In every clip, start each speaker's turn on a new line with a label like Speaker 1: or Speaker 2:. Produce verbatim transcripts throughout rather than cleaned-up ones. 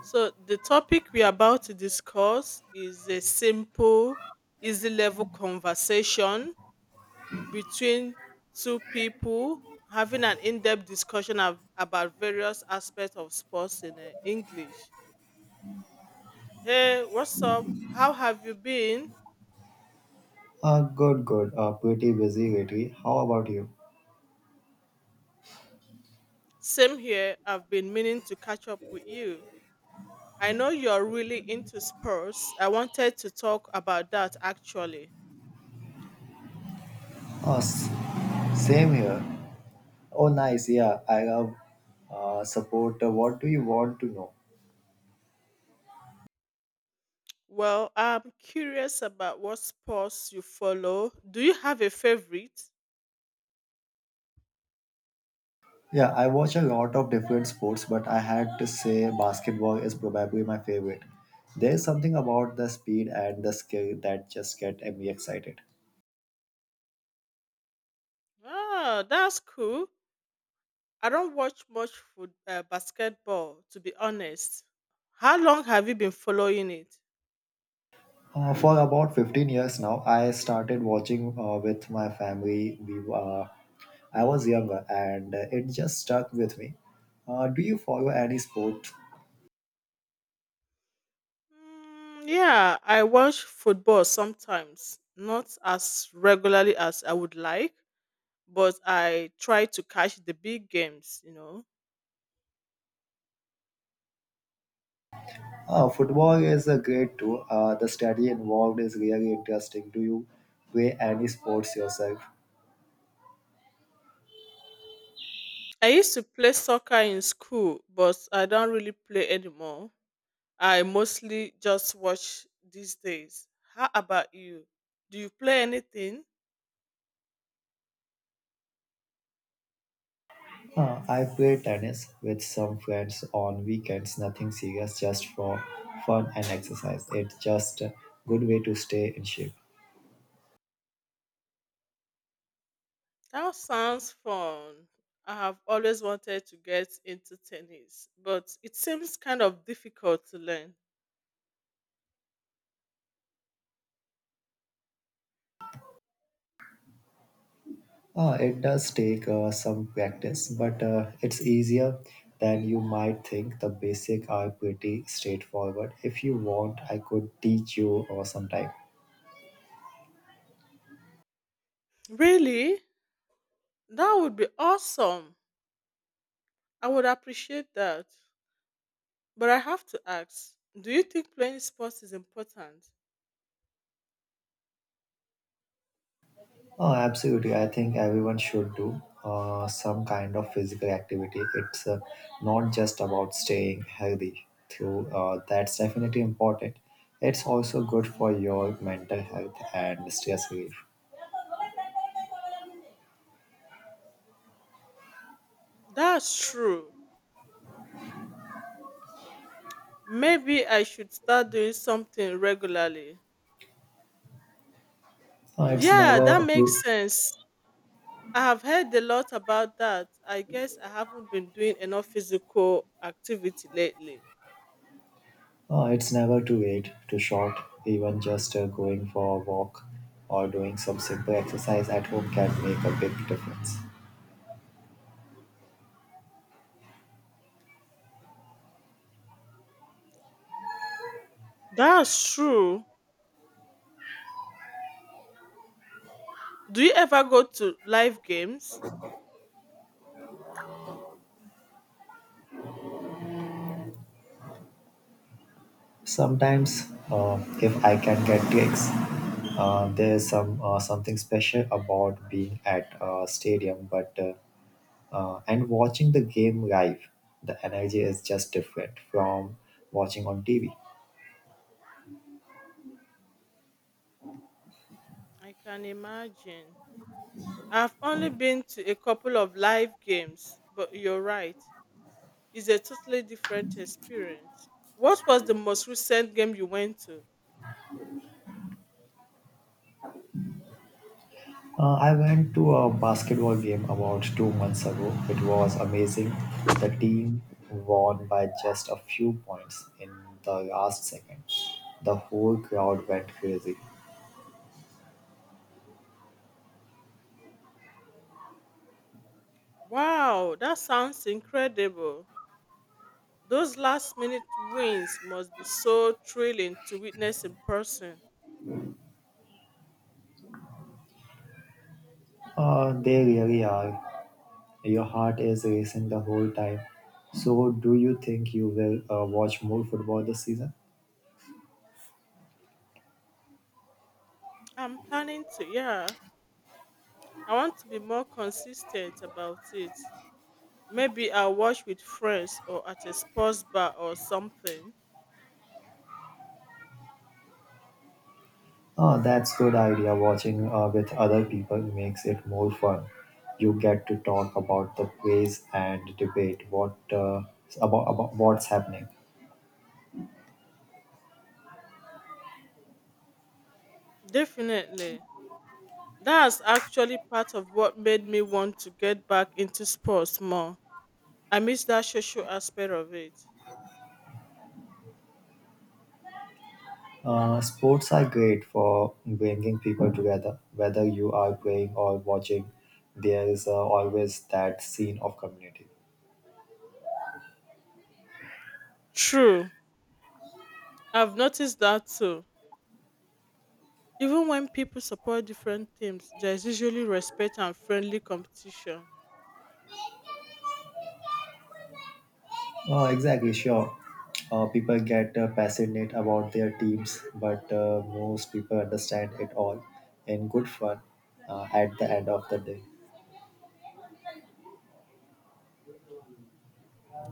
Speaker 1: So the topic we are about to discuss is a simple, easy level conversation between two people having an in-depth discussion of, about various aspects of sports in uh, English. Hey, what's up? How have you been?
Speaker 2: Uh, good, good. Uh, pretty busy lately. How about you?
Speaker 1: Same here. I've been meaning to catch up with you. I know you're really into sports. I wanted to talk about that actually.
Speaker 2: Uh, s- Same here. Oh, nice. Yeah, I love uh, support. Uh, what do you want to know?
Speaker 1: Well, I'm curious about what sports you follow. Do you have a favorite?
Speaker 2: Yeah, I watch a lot of different sports, but I had to say basketball is probably my favorite. There's something about the speed and the skill that just get me excited.
Speaker 1: Oh, that's cool. I don't watch much foot uh, basketball, to be honest. How long have you been following it?
Speaker 2: Uh, for about fifteen years now, I started watching uh, with my family. We uh, I was younger and uh, it just stuck with me. Uh, do you follow any sport?
Speaker 1: Mm, yeah, I watch football sometimes, not as regularly as I would like, but I try to catch the big games, you know.
Speaker 2: Uh, football is a great too. Uh, the study involved is really interesting. Do you play any sports yourself?
Speaker 1: I used to play soccer in school, but I don't really play anymore. I mostly just watch these days. How about you? Do you play anything?
Speaker 2: Uh, I play tennis with some friends on weekends, nothing serious, just for fun and exercise. It's just a good way to stay in shape.
Speaker 1: That sounds fun. I have always wanted to get into tennis, but it seems kind of difficult to learn.
Speaker 2: Uh, it does take uh, some practice, but uh, it's easier than you might think. The basics are pretty straightforward. If you want, I could teach you or sometime.
Speaker 1: Really? That would be awesome. I would appreciate that. But I have to ask, do you think playing sports is important?
Speaker 2: Oh, absolutely. I think everyone should do uh, some kind of physical activity. It's uh, not just about staying healthy, through uh, that's definitely important. It's also good for your mental health and stress relief.
Speaker 1: That's true. Maybe I should start doing something regularly.
Speaker 2: Uh, it's
Speaker 1: Yeah, that
Speaker 2: never
Speaker 1: makes sense. I have heard a lot about that. I guess I haven't been doing enough physical activity lately.
Speaker 2: Uh, it's never too late to short. Even just uh, going for a walk or doing some simple exercise at home can make a big difference.
Speaker 1: That's true. Do you ever go to live games?
Speaker 2: Sometimes, uh, if I can get gigs, uh, there's some uh, something special about being at a stadium, but uh, uh, and watching the game live. The energy is just different from watching on T V.
Speaker 1: I can imagine. I've only been to a couple of live games, but you're right. Is a totally different experience. What was the most recent game you went to?
Speaker 2: Uh, I went to a basketball game about two months ago. It was amazing. The team won by just a few points in the last second. The whole crowd went crazy.
Speaker 1: Wow, that sounds incredible. Those last minute wins must be so thrilling to witness in person.
Speaker 2: Uh, they really are. Your heart is racing the whole time. So, do you think you will uh, watch more football this season?
Speaker 1: I'm planning to, yeah. I want to be more consistent about it. Maybe I'll watch with friends or at a sports bar or something.
Speaker 2: Oh, that's good idea. Watching uh, with other people makes it more fun. You get to talk about the plays and debate what uh, about, about what's happening.
Speaker 1: Definitely. That's actually part of what made me want to get back into sports more. I miss that social aspect of it.
Speaker 2: Uh, sports are great for bringing people together. Whether you are playing or watching, there is uh, always that scene of community.
Speaker 1: True. I've noticed that too. Even when people support different teams, there's usually respect and friendly competition.
Speaker 2: Oh, exactly. Sure. Uh, people get uh, passionate about their teams, but uh, most people understand it all in good fun uh, at the end of the day.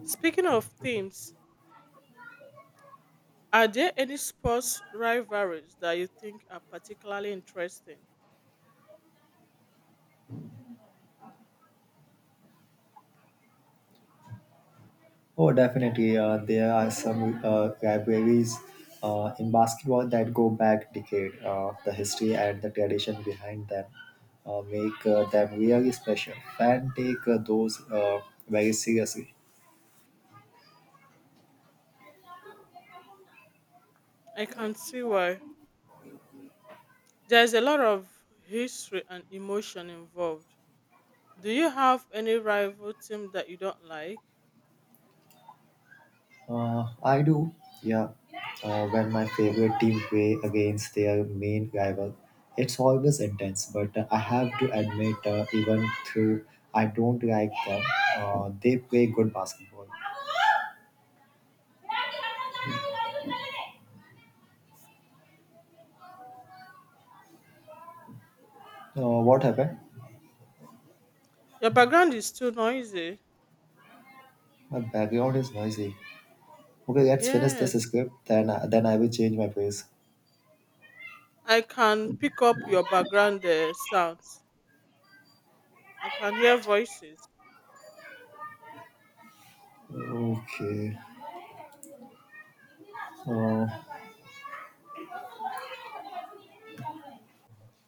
Speaker 1: Speaking of teams, are there any sports rivalries that you think are particularly interesting?
Speaker 2: Oh, definitely. Uh, there are some uh, rivalries uh, in basketball that go back decade. Uh, the history and the tradition behind them uh, make uh, them really special. Fans take uh, those uh, very seriously.
Speaker 1: I can see why. There's a lot of history and emotion involved. Do you have any rival team that you don't like?
Speaker 2: Uh, I do, yeah. Uh, when my favorite team play against their main rival, it's always intense. But uh, I have to admit, uh, even though I don't like them, uh, they play good basketball. Uh, what happened?
Speaker 1: Your background is too noisy.
Speaker 2: My background is noisy. Okay, let's finish this
Speaker 1: Yes.
Speaker 2: script, then, then I will change my place.
Speaker 1: I can pick up your background uh, sounds. I can hear voices.
Speaker 2: Okay. Uh,